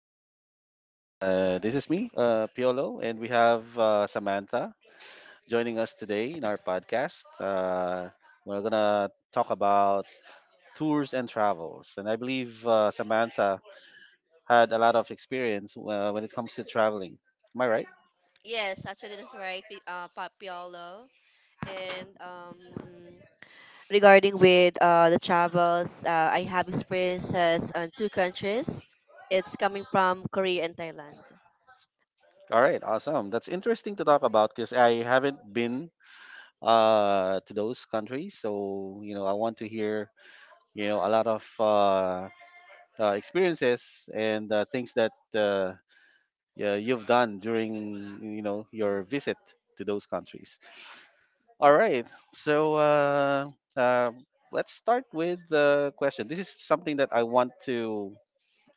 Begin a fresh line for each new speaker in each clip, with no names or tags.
everyone. This is me, Piolo, and we have Samantha joining us today in our podcast. We're gonna talk about tours and travels, and I believe Samantha had a lot of experience when it comes to traveling. Am I right?
Yes, actually that's right. Papiolo. And Regarding with the travels, I have experiences on two countries. It's coming from Korea and Thailand.
All right. Awesome. That's interesting to talk about because I haven't been to those countries, so I want to hear a lot of experiences and things that. Yeah, you've done during your
Mhm,
visit to those countries. All right, so uh, let's start with the question. This is something that I want to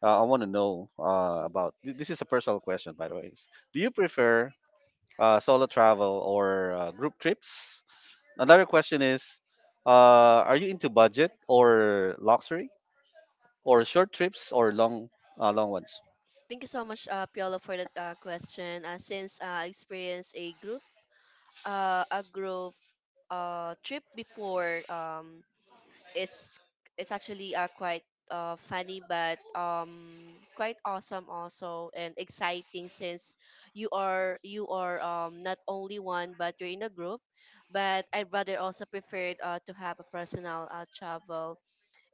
uh, I want to know about.
mhm.
This is a personal question, by the way. Do you prefer solo travel or group trips? Another question is, are you into budget or luxury or short trips or long ones?
Thank you so much, Piolo, for that question. Since I experienced a group trip before, it's it's actually quite funny but quite awesome also and exciting since you are not only one but you're in a group, but I rather also preferred to have a personal travel.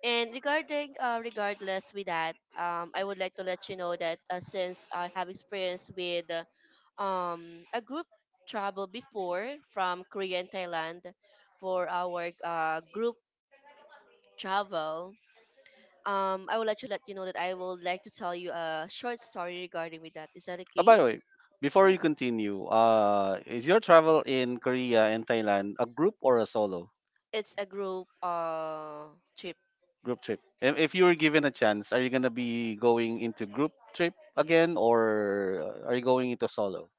And regarding regardless with that, I would like to let you know that since I have experience with a group travel before from Korea and Thailand, for our group travel, I would like to let you know that I would like to tell you a short story regarding with that. Is that okay?
By the way, before
Yeah,
you continue, is your travel in Korea and Thailand a group or a solo
it's a group trip.
group trip? And if you were given a chance, are you gonna be going into group trip again, or are you going into solo?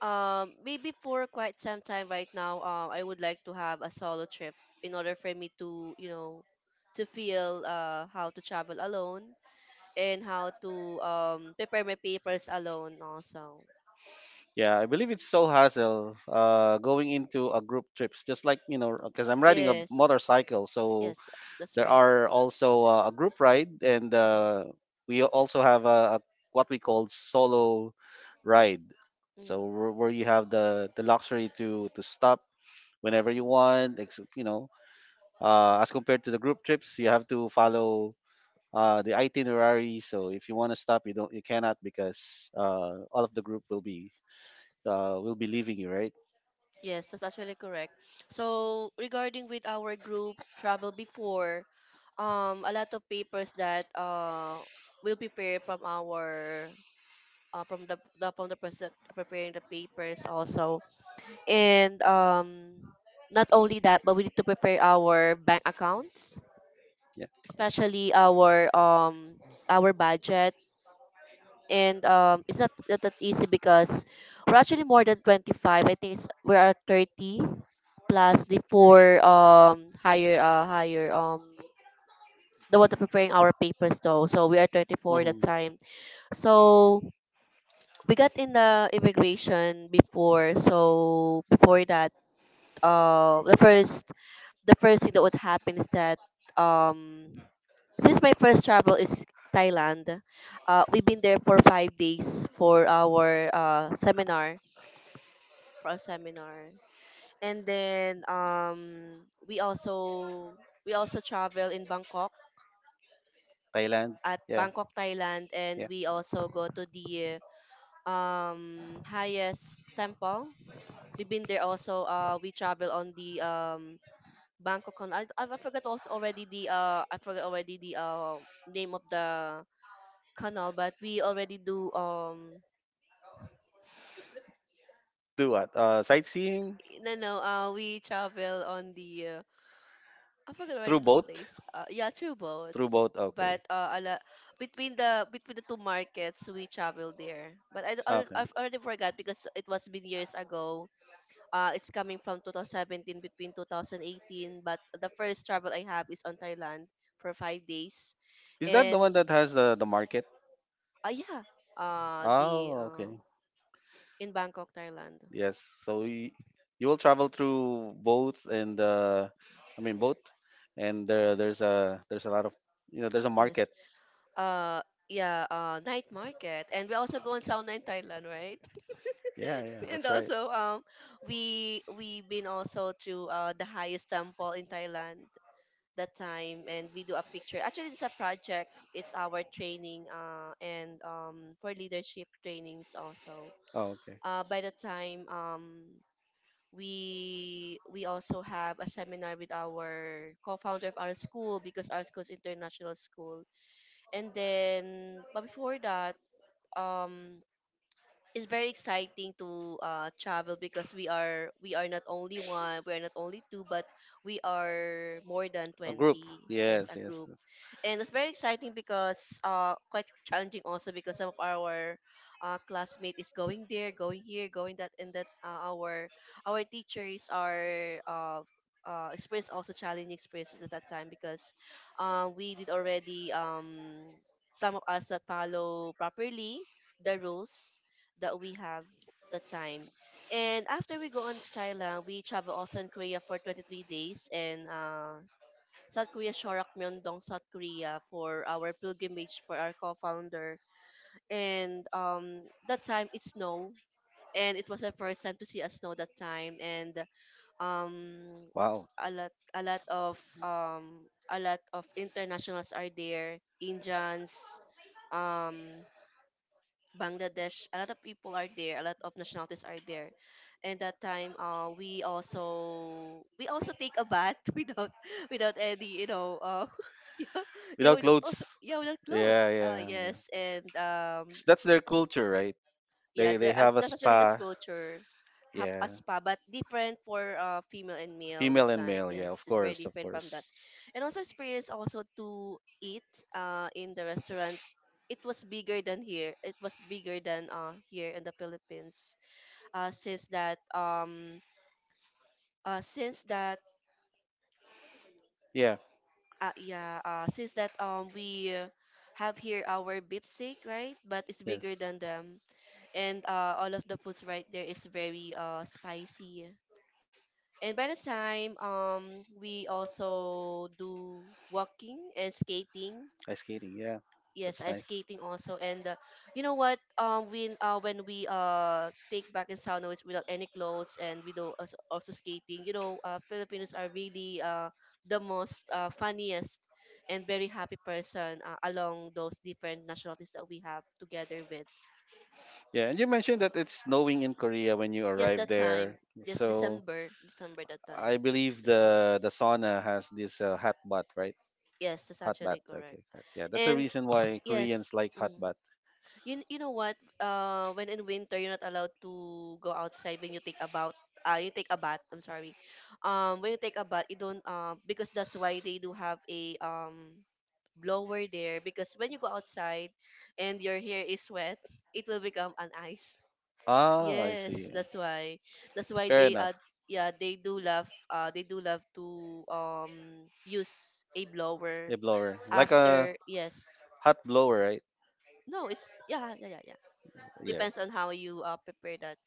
Maybe for quite some time right now, I would like to have a solo trip in order for me to, you know, to feel how to travel alone, and how to prepare my papers alone also.
Yeah, I believe it's so hassle going into a group trips. Just like, because I'm riding a
Yes,
motorcycle, so
yes, that's
there
right.
are also a group ride, and
Mm-hmm.
we also have a what we call solo ride.
Mm-hmm.
So where you have the luxury to stop whenever you want, as compared to the group trips, you have to follow the itinerary. So if you want to stop, you don't, you cannot because all of the group will be leaving you, right?
Yes, that's actually correct. So regarding with our group travel before, a lot of papers that will prepare from our from the person preparing the papers also, and not only that, but we need to prepare our bank accounts,
Yeah.
especially our budget, and it's not that easy because we're actually more than 25. I think it's we are 30 plus the four, higher higher the one that preparing our papers though. So we are 34 that
Hmm.
time. So we got in the immigration before. So before that, uh, the first the first thing that would happen is that um since my first travel is Thailand, we've been there for 5 days for our seminar for our seminar, and then we also we also travel in Bangkok,
Thailand.
at
Yeah.
Bangkok Thailand, and
Yeah.
we also go to the highest temple. We've been there also. We travel on the Bangkok canal. I forgot also already the I forgot already the name of the canal, but we already do
Do what? Sightseeing
no no we travel on the I forgot already
through
the
boat.
place. Yeah, through boat.
Through boat.
But
Okay.
a lot, between the two markets we travel there. But I, I
Okay.
I've already forgot because it was been years ago. It's coming from 2017 between 2018. But the first travel I have is on Thailand for 5 days,
Is that the
and
one that has the market?
uh, yeah. The
Oh, okay.
In Bangkok, Thailand.
Yes. So you will travel through boats and I mean boat, and there's a lot of there's a
Yes.
market.
Uh, yeah. Night market, and we also go on sauna in Thailand, right?
Yeah, yeah,
And
that's right.
also, we been also to the highest temple in Thailand that time, and we do a picture. Actually, it's a project. It's our training, and for leadership trainings also.
Oh, okay.
By the time we also have a seminar with our co-founder of our school, because our school is international school. And then, but before that, um, it's very exciting to travel because we are not only one, we are not only two, but we are more than
A
20.
group.
Yes,
Yes,
a
yes,
group.
yes.
And it's very exciting because quite challenging also, because some of our classmate is going there, going here, going that and that, our teachers are experience also challenging experiences at that time because we did already some of us not follow properly the rules that we have the time. And after we go on to Thailand, we travel also in Korea for 23 days and South Korea, Shorak, Myeongdong, South Korea for our pilgrimage for our co-founder. And that time it snowed and it was the first time to see a snow that time. And um,
Wow.
a lot a lot of um, a lot of internationals are there, Indians, um Bangladesh, a lot of people are there, a lot of nationalities are there. And that time, we also take a bath without without any, you know, yeah, yeah,
Without
without, also
clothes.
yeah, without
Yeah,
clothes.
yeah, yeah.
Yes, and
'Cause that's their culture, right?
yeah
They
there
have a
that's actually the
spa.
sculpture, have
Yeah.
a spa but different for female and male
Female
that
and
time.
male. Yeah, of
Yes, it's very
course, of
different from that.
course.
And also experience also to eat in the restaurant. It was bigger than here, it was bigger than here in the Philippines. Uh since that
Yeah.
yeah Since that, we have here our beef steak, right? But it's bigger
Yes.
than them. And all of the foods right there is very spicy. And by the time we also do walking and skating.
Ice skating. Yeah.
Yes,
That's
ice
nice.
skating also. And you know what? When we take back in sauna without any clothes, and we do also, also skating. You know, Filipinos are really the most funniest and very happy person along those different nationalities that we have together with.
Yeah. And you mentioned that it's snowing in Korea when you
Yes,
arrive
that
there.
time. Yes,
So
December, December that
I
time.
believe the sauna has this hot bath, right?
Yes, that's
Hot bath.
actually
Okay.
correct.
Yeah. That's a
And
reason why Koreans
yes.
like hot bath.
Mhm. You know what? When in winter you're not allowed to go outside when you take about you take a bath. I'm sorry. When you take a bath, you don't because that's why they do have a blower there, because when you go outside and your hair is wet, it will become an ice.
Ah, I
Yes,
see.
that's why. That's why
Fair
they
enough.
yeah, they do love to
uh,
use a blower
like a
after. Yes.
hot blower, right?
No, it's yeah yeah yeah yeah.
Yeah.
Depends on how you prepare that.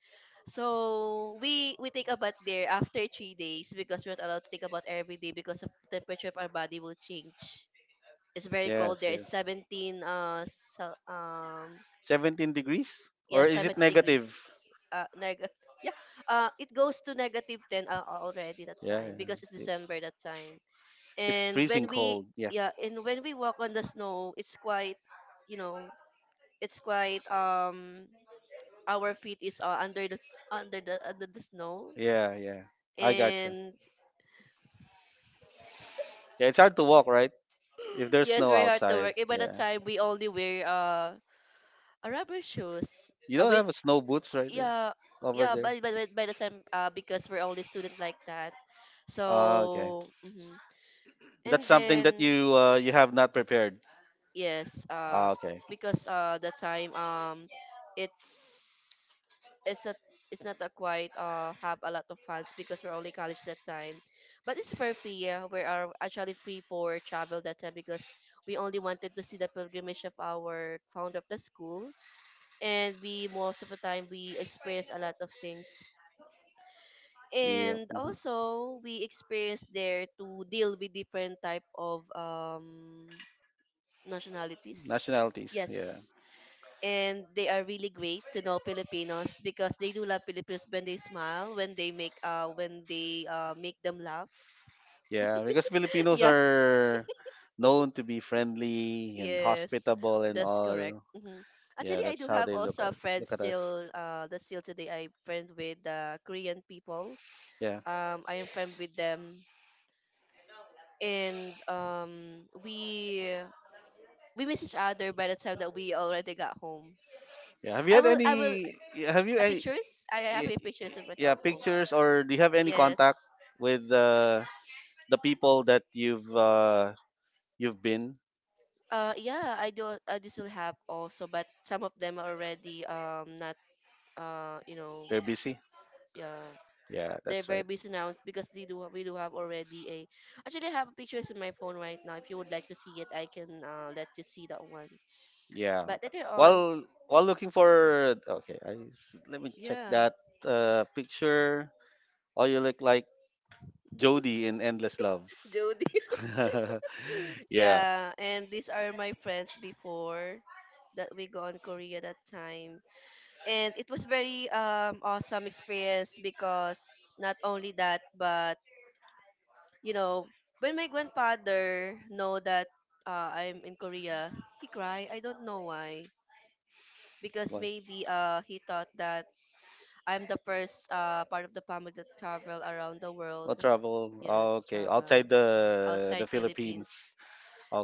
So we take a bath there after 3 days because we're not allowed to take a bath every day because of the temperature of our body will change. It's very cold
Yes.
there.
Yes.
It's 17
17 degrees?
yeah,
Or is it
seventy
negative?
degrees neg yeah, it goes to -10 already that
Yeah,
time because it's
it's
December that time.
it's
And
freezing
when we
cold. Yeah,
yeah, and when we walk on the snow, it's quite, you know, it's quite our feet is under the snow.
yeah, yeah. I gotcha.
And
Yeah, it's hard to walk, right? If there's
yeah, it's
snow
very hard to
outside.
work. And by the
Yeah.
time we only wear a rubber shoes
You don't
with
have a snow boots right there
yeah,
over
yeah,
there.
but by the time because we're only student like that,
Ah, okay.
so mhm.
That's
And
something
then
that you have not prepared.
yes,
Ah, okay.
because the time it's it's a it's not a quite have a lot of fans because we're only college that time, but it's perfect. Yeah, we are actually free for travel that time because we only wanted to see the pilgrimage of our founder of the school, and we most of the time we experience a lot of things.
Yeah.
And
Mhm.
also, we experience there to deal with different type of nationalities.
Nationalities, yeah.
Yes, and they are really great to know Filipinos because they do love Filipinos when they smile, when they make them laugh.
Yeah, yeah, because Filipinos
Yeah,
are known to be friendly and
yes,
hospitable and
that's correct.
all.
Hmm.
Yeah,
Actually, I
that's
do
how
have
they look
also a
at
friend
look at us.
still that still today I friend with Korean people.
Yeah,
I am friend with them, and we miss each other by the time that we already got home.
yeah. Have you had
I will
any? Yeah, have you any?
Pictures. I
y-
have a
y-
pictures in my
Yeah,
cell phone.
pictures or do you have any contact
Yes.
with the people that you've been?
Yeah, I do. I do still have also, but some of them are already not uh you know
They're busy.
yeah,
Yeah,
they're
that's
very
right.
busy now because they do we do have already a, actually I have pictures in my phone right now. If you would like to see it, I can let you see that one.
Yeah.
But later on,
While looking for, okay, let me check
yeah,
that picture. Oh, you look like Jody in Endless Love.
Jody.
Jody. Yeah.
Yeah, and these are my friends before that we go on Korea that time, and it was very awesome experience because not only that but, you know, when my grandfather know that I'm in Korea, he cry. I don't know why. Because
What?
maybe he thought that I'm the first part of the family that travel around the world.
What travel? Oh,
Yes,
okay, outside
travel
the
outside
Philippines.
Philippines.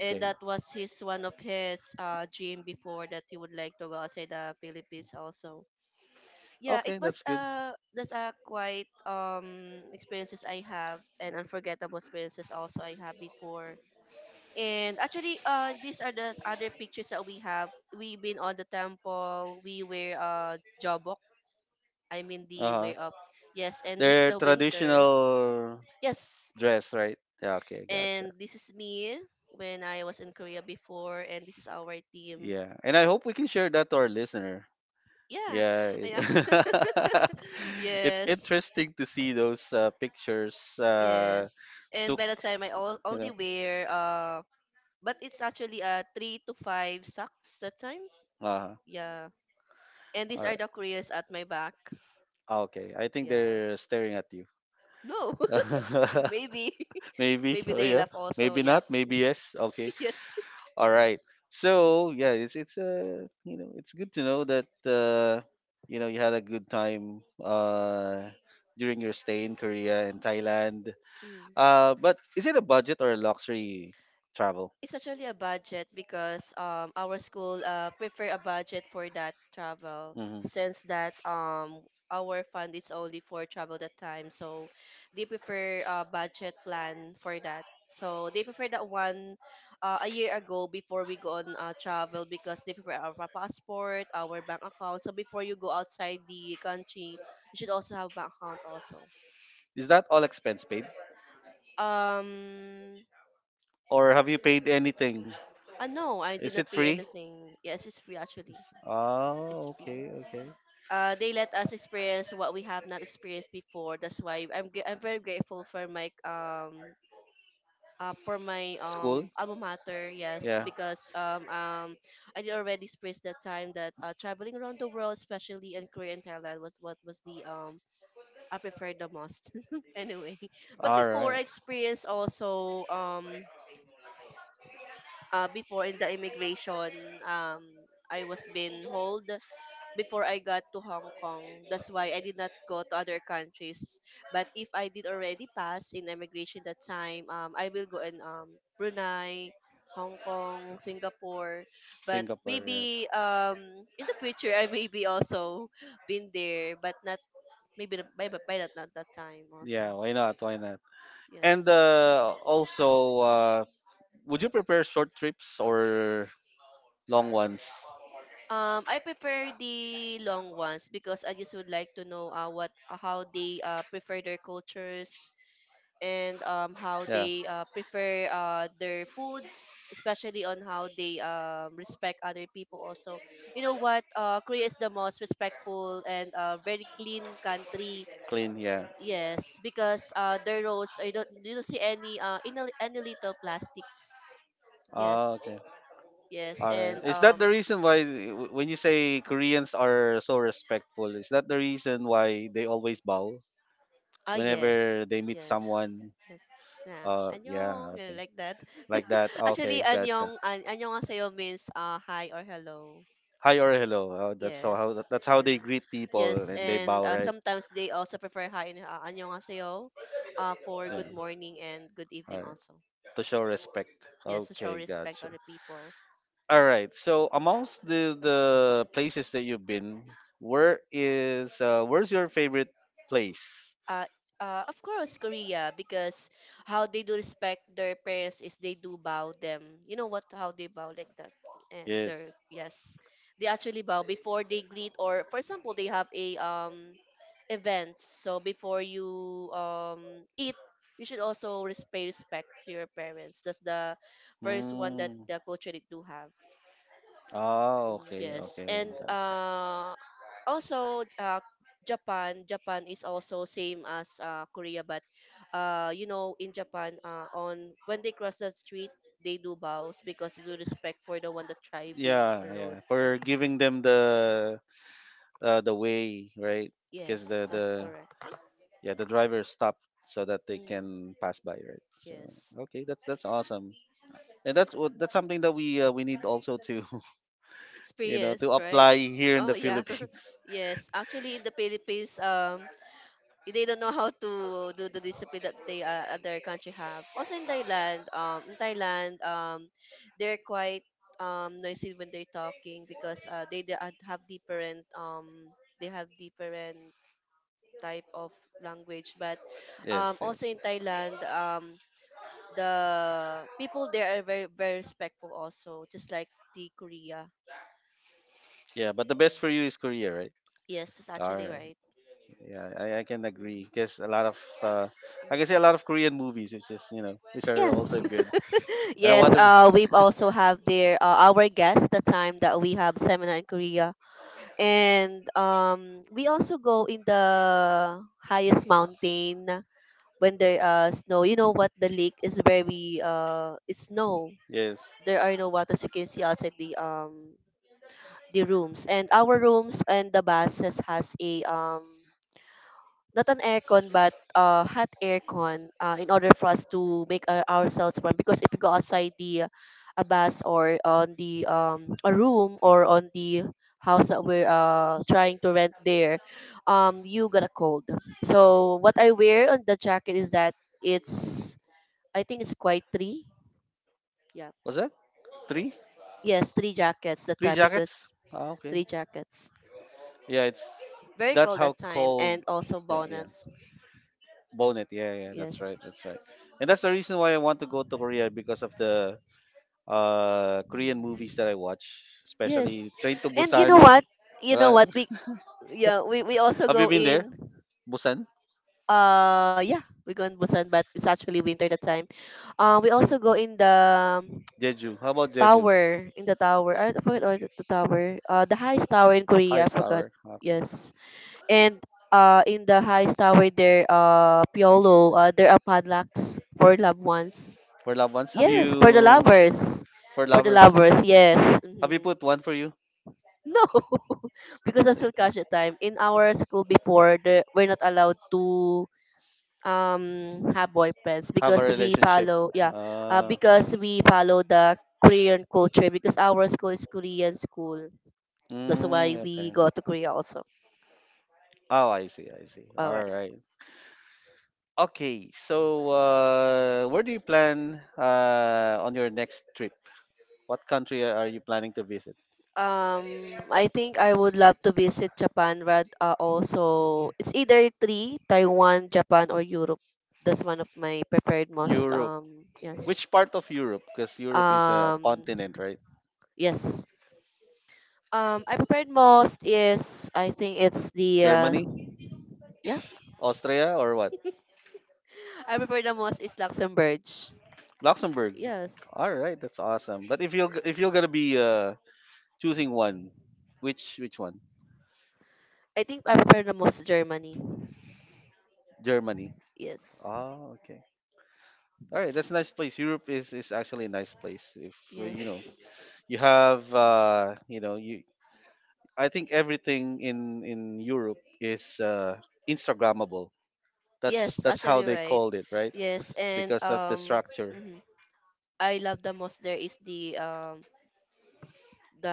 And that was his one of his dream before, that he would like to go outside the Philippines also. Yeah, it
Okay,
was
that's good.
that's a quite experiences I have and unforgettable experiences also I have before. And actually, these are the other pictures that we have. We've been on the temple. We were jobok.
I
I
mean
mean
the
the
Uh-huh.
way up.
Yes,
Yes,
and
and
their I
this is
was
the
also
winter.
traditional
Yes,
dress, right? Yeah, okay, and gotcha.
and
This
this
is
is
me
me
when
when
I
I
was
was
in
in
Korea
Korea
before,
before,
and
and this
this is
is
our
our
team.
team.
Yeah, and I hope we can share that to our listener.
Yeah,
Yeah, yeah,
yeah,
yeah. It's, yes,
yes,
interesting to see those pictures
yes.
and
And
took,
by the time I all,
Melody.
only wear but it's actually three to five socks that time.
Uh-huh.
Yeah. And
All
these
are right.
are
The
the
Koreans.
Koreans at my back.
Okay, I think
Yeah.
they're staring at you.
No.
No,
Maybe.
maybe. Maybe.
Maybe
Oh
they
yeah.
laugh also.
Maybe
Yeah.
not. Maybe yes. Okay.
Yes.
All right. So yeah, it's good to know that you had a good time during your stay in Korea and Thailand.
Mm.
But is it a budget or a luxury travel?
It's actually a budget because our school prefer a budget for that travel,
Hmm.
since that our fund is only for travel that time, so they prefer a budget plan for that, so they prefer that one a year ago before we go on travel, because they prefer our passport, our bank account, so before you go outside the country, you should also have bank account also.
Is that all expense paid,
um
or have you paid anything?
no, I did
Is it
not pay
free?
anything. Yes, it's free actually.
Oh,
It's free.
okay, okay.
They let us experience what we have not experienced before. That's why I'm I'm very grateful for my
School?
alma mater. Yes,
Yeah.
because I did already experienced that time that traveling around the world, especially in Korea and Thailand, was what was the I preferred the most. Anyway, but
All
before
right.
I experienced also before in the immigration, um I was being hold before I got to Hong Kong. That's why I did not go to other countries. But if I did already pass in immigration that time, I will go in Brunei, Hong Kong, Singapore. But
Singapore. Yeah.
maybe in the future I maybe also been there, but not maybe by that, not that time
Yeah,
also.
why not? Why not? And
Yes.
also, would you prepare short trips or long ones?
I prefer the long ones, because I just would like to know what how they prefer their cultures, and how
Yeah.
they prefer their foods, especially on how they respect other people. Also, you know what? Korea is the most respectful and very clean country.
Clean, yeah.
Yes, because their roads, I don't, you don't see any in any little plastics.
Oh,
Yes,
okay.
yes,
All right.
and
Is that the reason why, when you say Koreans are so respectful, is that the reason why they always bow
ah, yes,
whenever they meet
yes,
someone?
yes. Yeah, 안녕,
Yeah, okay.
like that.
Like that. Okay,
Actually,
gotcha.
안녕, 안녕하세요 means hi or hello.
Hi or hello. How
Yes.
that's how they
Mm.
greet people
Yes,
and they
and
bow, right?
sometimes they also prefer hi and 안녕하세요, for
Yeah.
good morning and good
All
evening
right.
also.
To show respect.
Yes, to show
Okay,
respect to
gotcha.
other people.
All right. So amongst the places that you've been, where's your favorite place?
uh, of course, Korea, because how they do respect their parents is they do bow them. You know what? How they bow like that, and their,
Yes.
yes, they actually bow before they greet, or for example, they have a events. So before you eat, you should also pay respect to your parents. That's the first one that
Mm.
the culture they do have.
Oh, okay,
Yes,
okay.
and also Japan. Japan is also same as Korea, but you know, in Japan, on when they cross
Gotcha.
the street, they do bows because they do respect for the one that driving
Yeah, yeah,
alone, right?
for giving them the way right because
Yes,
the
that's
the
correct.
yeah, the driver stopped so that they
Mm,
can pass by right so
yes,
okay that's awesome and that's something that we need also to to
experience, right?
apply here in
Oh
the
yeah.
Philippines
Yes. Actually in the Philippines, they don't know how to do the discipline that they, other country have. Also in Thailand, they're quite noisy when they're talking because have different they have different type of language, but
yes yes
also in Thailand, the people there are very very respectful also, just like the Korea.
yeah but the best
Mm.
for you is Korea right
Yes, it's
all
actually
right.
right.
Yeah, I can agree
Mm,
because a lot of I can say a
mhm.
lot of Korean movies, which is, which are
Yes,
also good. And I
yes.
want to be.
We also have their our guest the time that we have seminar in Korea, and we also go in the highest mountain when there snow. You know what? The lake is very it's snow.
Yes,
There are no waters you can see outside the rooms, and our rooms and the buses has a not an aircon, but hot aircon, in order for us to make our, ourselves warm, because if you go outside the a bus, or on the a room, or on the house that we're trying to rent there, you got a cold. So what I wear on the jacket is that it's, I think it's quite three. Yeah.
was that three?
Yes, three jackets that
Three
time,
jackets?
because
Ah, okay.
three jackets,
Yeah, it's
very
that's
cold
how
that time,
cold.
and also
Yeah, yeah.
bonus.
Bonnet. Yeah, yeah. That's
Yes.
right. That's right. And that's the reason why I want to go to Korea because of the Korean
Mm.
movies that I watch, especially
Yes.
Train to
And you know
Busan.
what? You know
Uh,
what? We, yeah, we also
have you
go
been there?
in
Busan,
yeah, we go in Busan, but it's actually winter that time. We also go in the um,
Jeju. How about Jeju?
tower, in the tower. I forgot, or the tower. The highest tower in Korea, I
Highest
forgot.
tower. Okay.
Yes. And in the highest tower there, Piolo, there are padlocks for loved ones.
For loved ones, have
Yes, for the
you?
lovers.
For
For the
lovers,
lovers, yes.
have you
Mm-hmm.
put one for you?
No, because I'm still cash at time. In our school before, we're not allowed to have boyfriends,
Have a
because we
relationship.
follow, yeah,
Uh,
because we follow the Korean culture, because our school is Korean school. That's why we
okay.
go to Korea also.
Oh, I see. I see.
All
All
right.
right. Okay. So, where do you plan on your next trip? What country are you planning to visit?
I think I would love to visit Japan. But also it's either three Taiwan, Japan, or Europe. That's one of my preferred most.
Europe.
Yes.
Which part of Europe? Because Europe is a
Um,
continent, right?
yes. I prepared most is I think it's the
Germany,
yeah.
Austria, or what?
I prepared the most is Luxembourg.
Luxembourg.
Yes.
All right, that's awesome. But if you're gonna be choosing one. Which one?
I think I prepared the most Germany.
Germany.
Yes.
Oh, okay. All right, that's a nice place. Europe is actually a nice place. If
Yes.
you have you I think everything in Europe is Instagrammable. That's
Yes,
that's how
actually
they
right.
called it, right?
Yes, and
Because of the structure,
mhm. I love the most there is the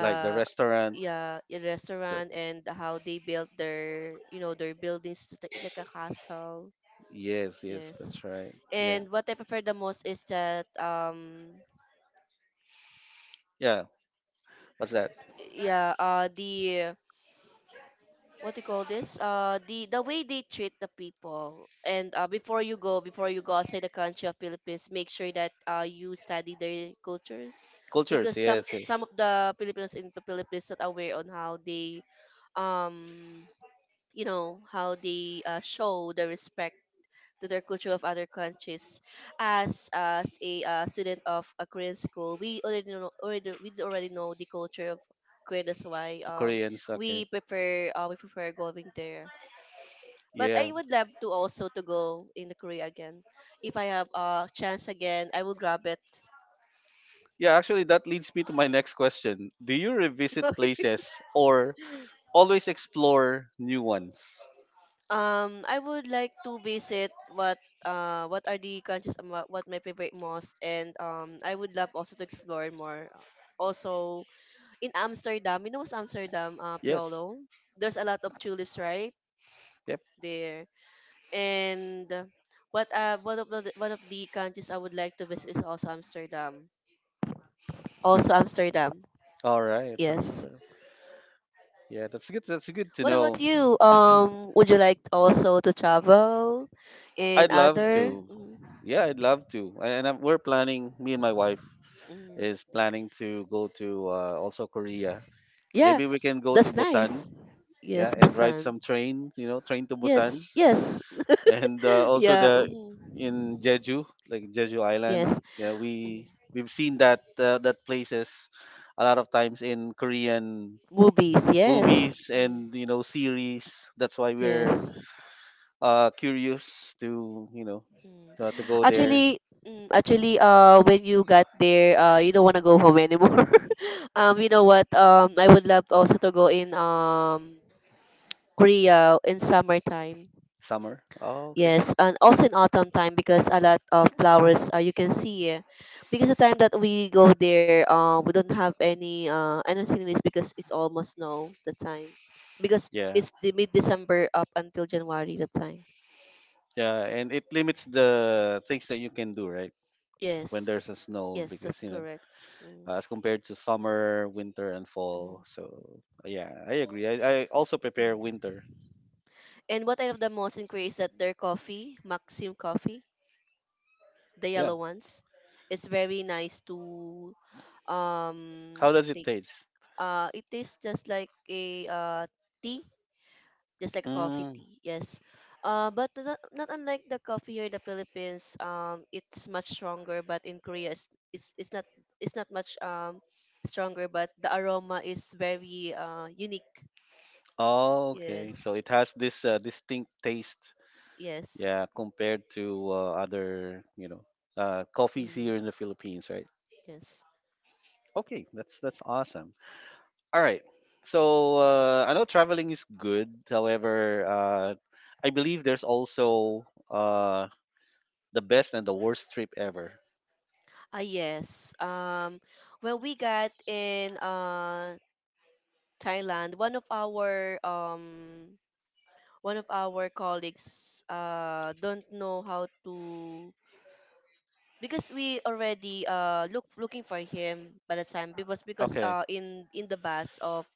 like the restaurant,
yeah, the
the
restaurant, and how they built their, their buildings, just like a castle.
yes, yes,
Yes.
that's right. Yeah.
And what I prefer the most is that,
Yeah. What's that?
yeah, the, what do you call this, the way they treat the people, and before you go outside the country of Philippines, make sure that you study their cultures,
Cultures.
because some
Yes,
some
yes.
of the Filipinos in the Philippines not aware on how they um you know how they show the respect to their culture of other countries. As a student of a Korean school, we already know the culture of Korea. That's why
Koreans, okay.
we prefer going there. But
Yeah.
I would love to also to go in the Korea again. If I have a chance again, I will grab it.
Yeah, actually, that leads me to my next question. Do you revisit places or always explore new ones?
I would like to visit what are the countries, and what my favorite most, and I would love also to explore more. Also in Amsterdam, you know what's Amsterdam,
Yes.
Piolo? There's a lot of tulips right
Yep.
there. And what one of the countries I would like to visit is also Amsterdam. Also Amsterdam.
All right.
Yes.
Yeah. That's good. That's good to
What about
know.
you? Would you like also to travel in
I'd love
other?
to.
Mm,
Yeah, I'd love to. And I'm, we're planning. Me and my wife
mm.
is planning to go to also Korea.
Yeah,
Maybe we can go to
that's
Busan.
nice.
Yeah,
Yes,
and ride
Busan.
some train. You know, train to Busan.
Yes, yes.
And also
Yeah.
the
Mhm.
in Jeju, like Jeju Island.
Yes.
Yeah,
Mhm.
we've seen that that places a lot of times in Korean
Movies. Yes.
movies
Mhm.
and series. That's why we're
Yes.
curious to
Mm.
to go there
Actually, when you got there, you don't want to go home anymore. You know what? I would love also to go in Korea in summertime.
summer. Oh, okay.
Yes, and also in autumn time, because a lot of flowers you can see. Eh. Because the time that we go there, we don't have any any sceneries, because it's almost snow the time. Because
Yeah.
it's the mid December up until January the time.
Yeah, and it limits the things that you can do, right? When
Yes,
there's a snow,
yes,
because
that's correct. Mm,
as compared to summer, winter, and fall.
mhm,
So yeah, I agree. I also prepare
mhm.
winter.
And what I love the most in Korea is that their coffee, Maxim coffee, the
Yeah.
yellow ones. It's very nice to um
How does it
take.
taste?
It tastes just like a, tea, just like a coffee
Mm.
tea. Yes. But not unlike the coffee here in the Philippines, it's much stronger. But in Korea, it's not much stronger, but the aroma is very unique.
Oh, okay.
Yes.
So it has this distinct taste.
Yes.
Yeah, compared to other, coffees
Mm,
here in the Philippines, right?
yes.
Okay, that's awesome. All right. So I know traveling is good. However, I believe there's also, uh, The best and the worst trip ever.
Ah, yes. Well, we got in Thailand. One of our colleagues don't know how to, because we already looking for him by the time, because
Okay.
in the bus of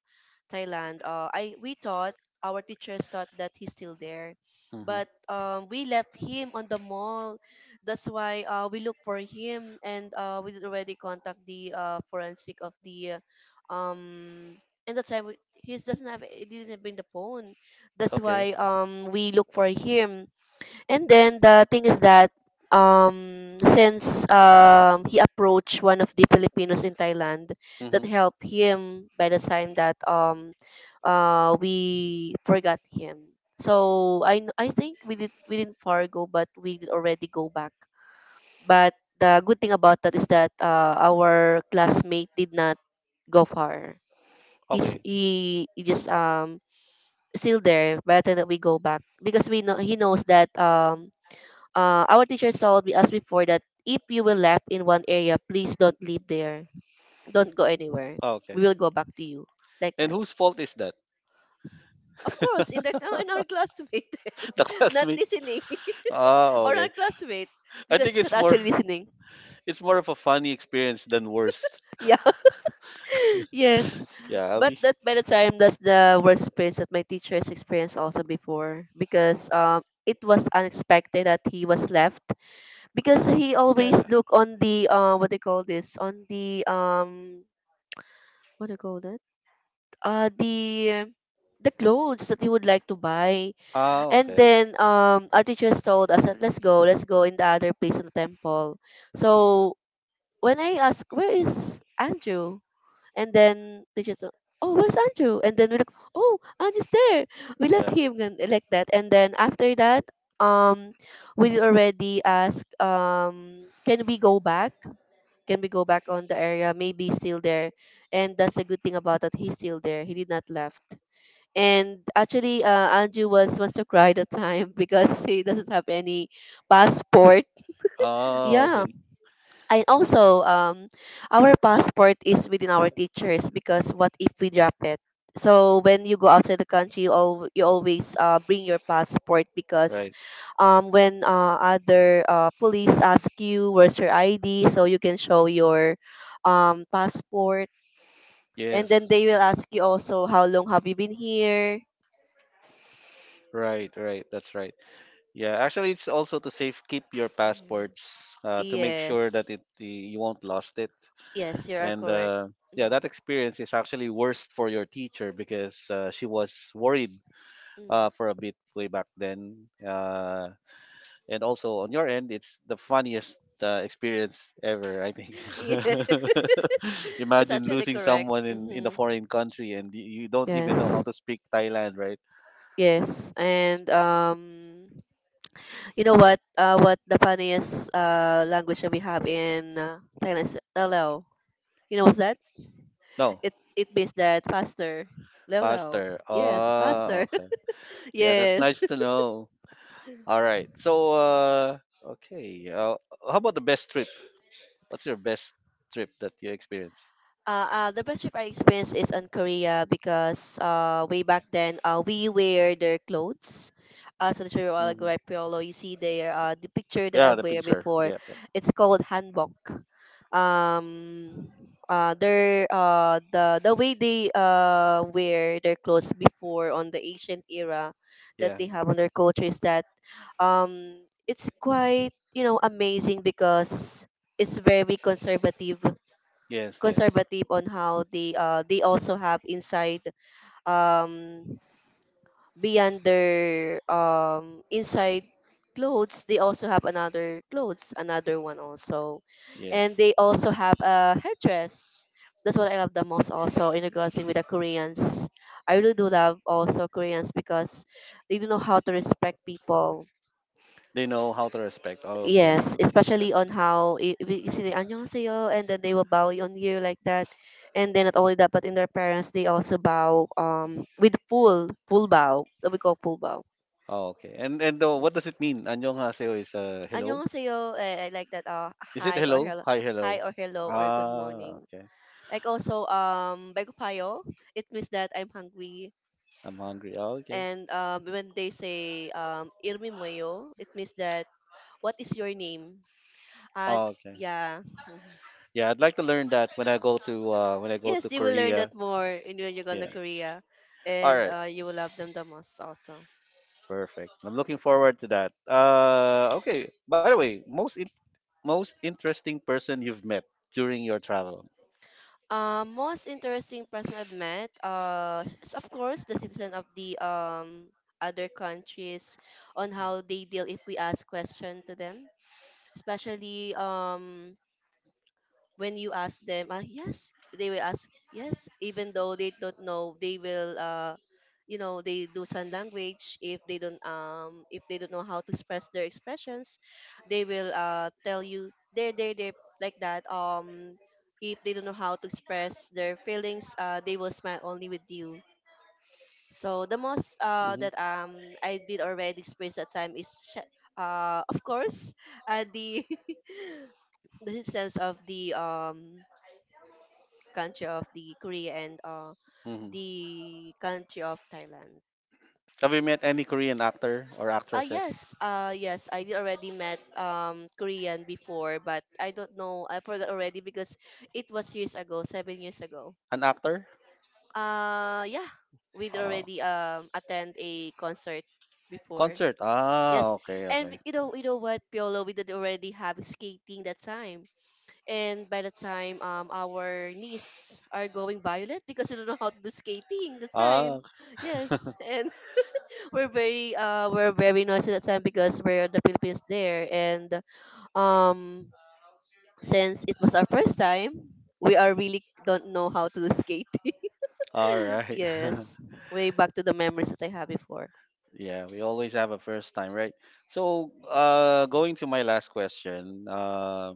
Thailand, I we thought, our teachers thought that he's still there,
Hmm.
but we left him on the mall. That's why we look for him, and we already contact the forensic of the uh, um and that's why he doesn't have he didn't bring the phone. That's
Okay.
why we look for him. And then the thing is that, since he approached one of the Filipinos in Thailand that
Hmm.
helped him by the time that we forgot him. So I I think we didn't far go, but we did already go back. But the good thing about that is that our classmate did not go far. He's
Okay.
he just still there by the time that we go back because we know he knows that our teachers told me, us before that if you will left in one area, please don't leave there. Don't go anywhere.
Oh,
We
okay.
will go back to you. Like
And
that.
whose fault is that?
Of course, in that in our classmate
The
not
classmate.
listening
Oh,
or our
okay.
classmate
I
because
think
she's not
it's more
actually listening.
it's more of a funny experience than worst.
Yeah, yes.
Yeah, I'll
But
be
that by the time that's the worst experience that my teachers has experienced also before because it was unexpected that he was left because he
yeah.
always look on the what they call this on the what to call that? Uh, the the clothes that you would like to buy,
Oh,
and then our teachers told us that let's go in the other place in the temple. So when I asked where is Andrew, and then they said, oh where's Andrew, and then we look oh Andrew's there, we left
yeah.
him and like that, and then after that um we already asked can we go back, can we go back on the area? Maybe he's still there. And that's a good thing about that he's still there. He did not left. And actually, Anju was wants to cry the time because he doesn't have any passport.
Oh,
Yeah,
okay.
and also, our passport is within our teachers because what if we drop it? So when you go outside the country, you, al- you always bring your passport because
Right.
when other police ask you where's your ID, so you can show your passport. And then
Yes.
they will ask you also how long have you been here.
Right, right. That's right. Yeah, actually, it's also to save keep your
Mhm.
passports to make sure that
Yes.
it you won't lost it.
Yes, you are
And
correct.
yeah,
Mhm.
that experience is actually worst for your teacher because she was worried
Mm.
for a bit way back then. And also on your end, it's the funniest experience ever, I think.
Yes, that's
Imagine
actually
losing
correct.
someone in a
Hmm.
foreign country and you don't even know how
Yes,
to speak Thailand, right?
yes, and you know what? What the funniest language that we have in Thailand is Leleo. You know what's that?
No,
It means that faster. Leleo.
pastor.
Yes, faster.
Oh, yeah, that's
Yes.
nice to know. All right. So, okay. How about the best trip? What's your best trip that you experienced?
The best trip I experienced is on Korea because way back then we wear their clothes. So that's where all go
Hmm.
at Piolo. You see there the picture that I
Yeah, the
wear
picture.
before.
Yeah, yeah,
It's called hanbok. Um, their the way they wear their clothes before on the Asian era that
yeah.
they have on their culture is that it's quite you know amazing because it's very conservative,
Yes, yes,
on how they also have inside um beyond their inside clothes, they also have another clothes, another one also, and
yes.
they also have a headdress. That's what I love the most also in regards with the Koreans. I really do love also Koreans because they do know how to respect people.
They know how to respect. Oh,
Yes, especially on how I- if you say "안녕하세요" and then they will bow on you like that, and then not only that, but in their parents they also bow with full bow that we call full bow.
oh, okay. And what does
Yes,
it mean? 안녕하세요 is hello.
안녕하세요 like that,
Is it
hi or
hello?
hello,
Hi, hello.
hi or hello or good
Ah,
morning.
okay.
Like also bagupayo, it means that I'm hungry.
I'm hungry. Oh, okay.
And when they say irmi moyo, it means that what is your name? Uh
Oh, okay.
yeah. Mm-hmm.
Yeah, I'd like to learn that when I go to
Yes, you will learn that
Korea.
more in when you go to
Yeah.
Korea,
All
and
right.
you will love them the most also.
Perfect. I'm looking forward to that. Okay. By the way, most interesting person you've met during your travel.
Most interesting person I've met is of course the citizen of the other countries, on how they deal if we ask question to them, especially when you ask them, yes they will ask yes even though they don't know. They will you know they do sign language if they don't know how to express their expressions, they will tell you there, there, there, like that. If they don't know how to express their feelings, they will smile only with you. So the most
Hmm.
that I did already experience that time is sh- of course the the sense of the country of the Korea and
Hmm.
the country of Thailand.
Have you met any Korean actor or
Ah
actresses?
yes, yes, I did already met Korean before, but I don't know, I forgot already because it was years ago, 7 years ago.
An actor?
Yeah, we'd already
Ah,
attend a concert before.
concert.
Yes,
Ah, okay,
and
okay.
you know what, Piolo, we did already have skating that time. And by the time our niece are going violet because we don't know how to do skating the time.
Ah,
Yes, and we're very noisy that time because we're the Philippines there and um since it was our first time, we are really don't know how to do skating.
all right.
Yes, way back to the memories that I had before.
Yeah, we always have a first time, right? So, going to my last question,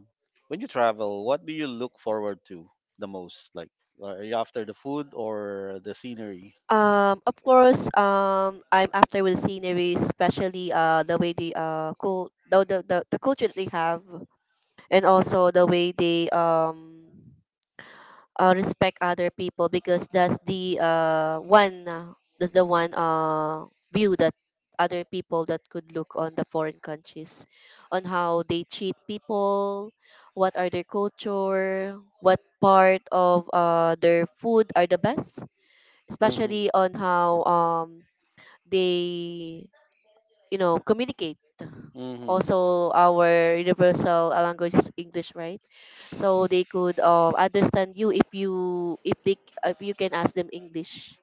when you travel, what do you look forward to the most? Like, are you after the food or the scenery?
Of course, I'm after with the scenery, especially the way they cool the, the culture that they have, and also the way they respect other people because that's the one that's the one view that other people that could look on the foreign countries, on how they treat people, what are their culture, what part of their food are the best,
Mm-hmm.
especially on how they you know communicate.
Mm-hmm.
Also our universal language is English, right? So they could understand you if they, if you can ask them English,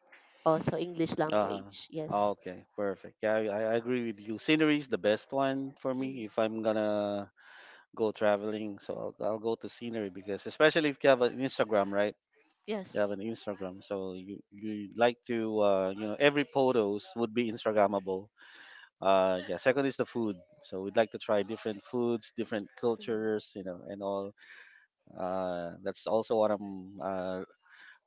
also English
Uh-huh.
language. Yes.
Okay, perfect. Yeah, I agree with you. Scenery is the best one for me if
Hmm.
I'm gonna go traveling. So I'll go to scenery because especially if you have an Instagram, right? You have
Yes.
an Instagram, so you like to every photos would be Instagrammable. Yeah. Second is the food. So we'd like to try different foods, different
Hmm.
cultures, and all. That's also what I'm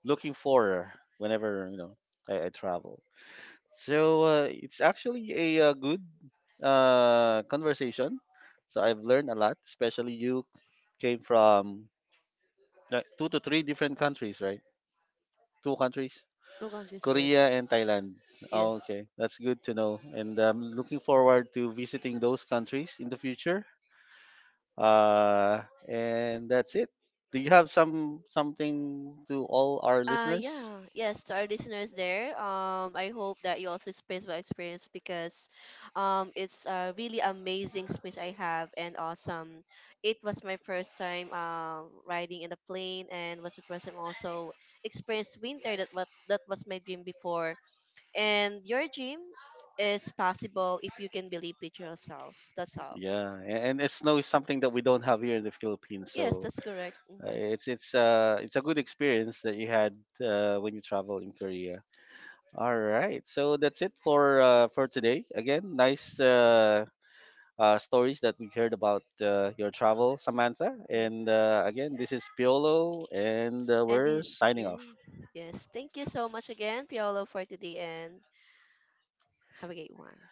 looking for whenever I travel. So it's actually a good conversation. So I've learned a lot, especially you came from, like, two to three different countries, right? Two countries,
Two countries. Yes.
Korea and Thailand. Oh,
Yes.
okay, that's good to know. And I'm looking forward to visiting those countries in the future. Uh, and that's it. Do you have something to all our listeners?
Yeah, yes, to our listeners there. I hope that you also experience my experience because, it's a really amazing space I have and awesome. It was my first time riding in a plane and was my first time also experienced winter. That what that was my dream before. And your dream is possible if you can believe it yourself. That's all.
Yeah, and snow is something that we don't have here in the Philippines.
Yes,
So
that's correct. Mm-hmm.
it's a good experience that you had when you travel in Korea. All right, so that's it for today. Again, nice stories that we heard about your travel, Samantha.
Mm-hmm.
And again, this is Piolo, and
And
we're
the,
signing
yeah,
off.
yes. Thank you so much again, Piolo, for today, and have a great one.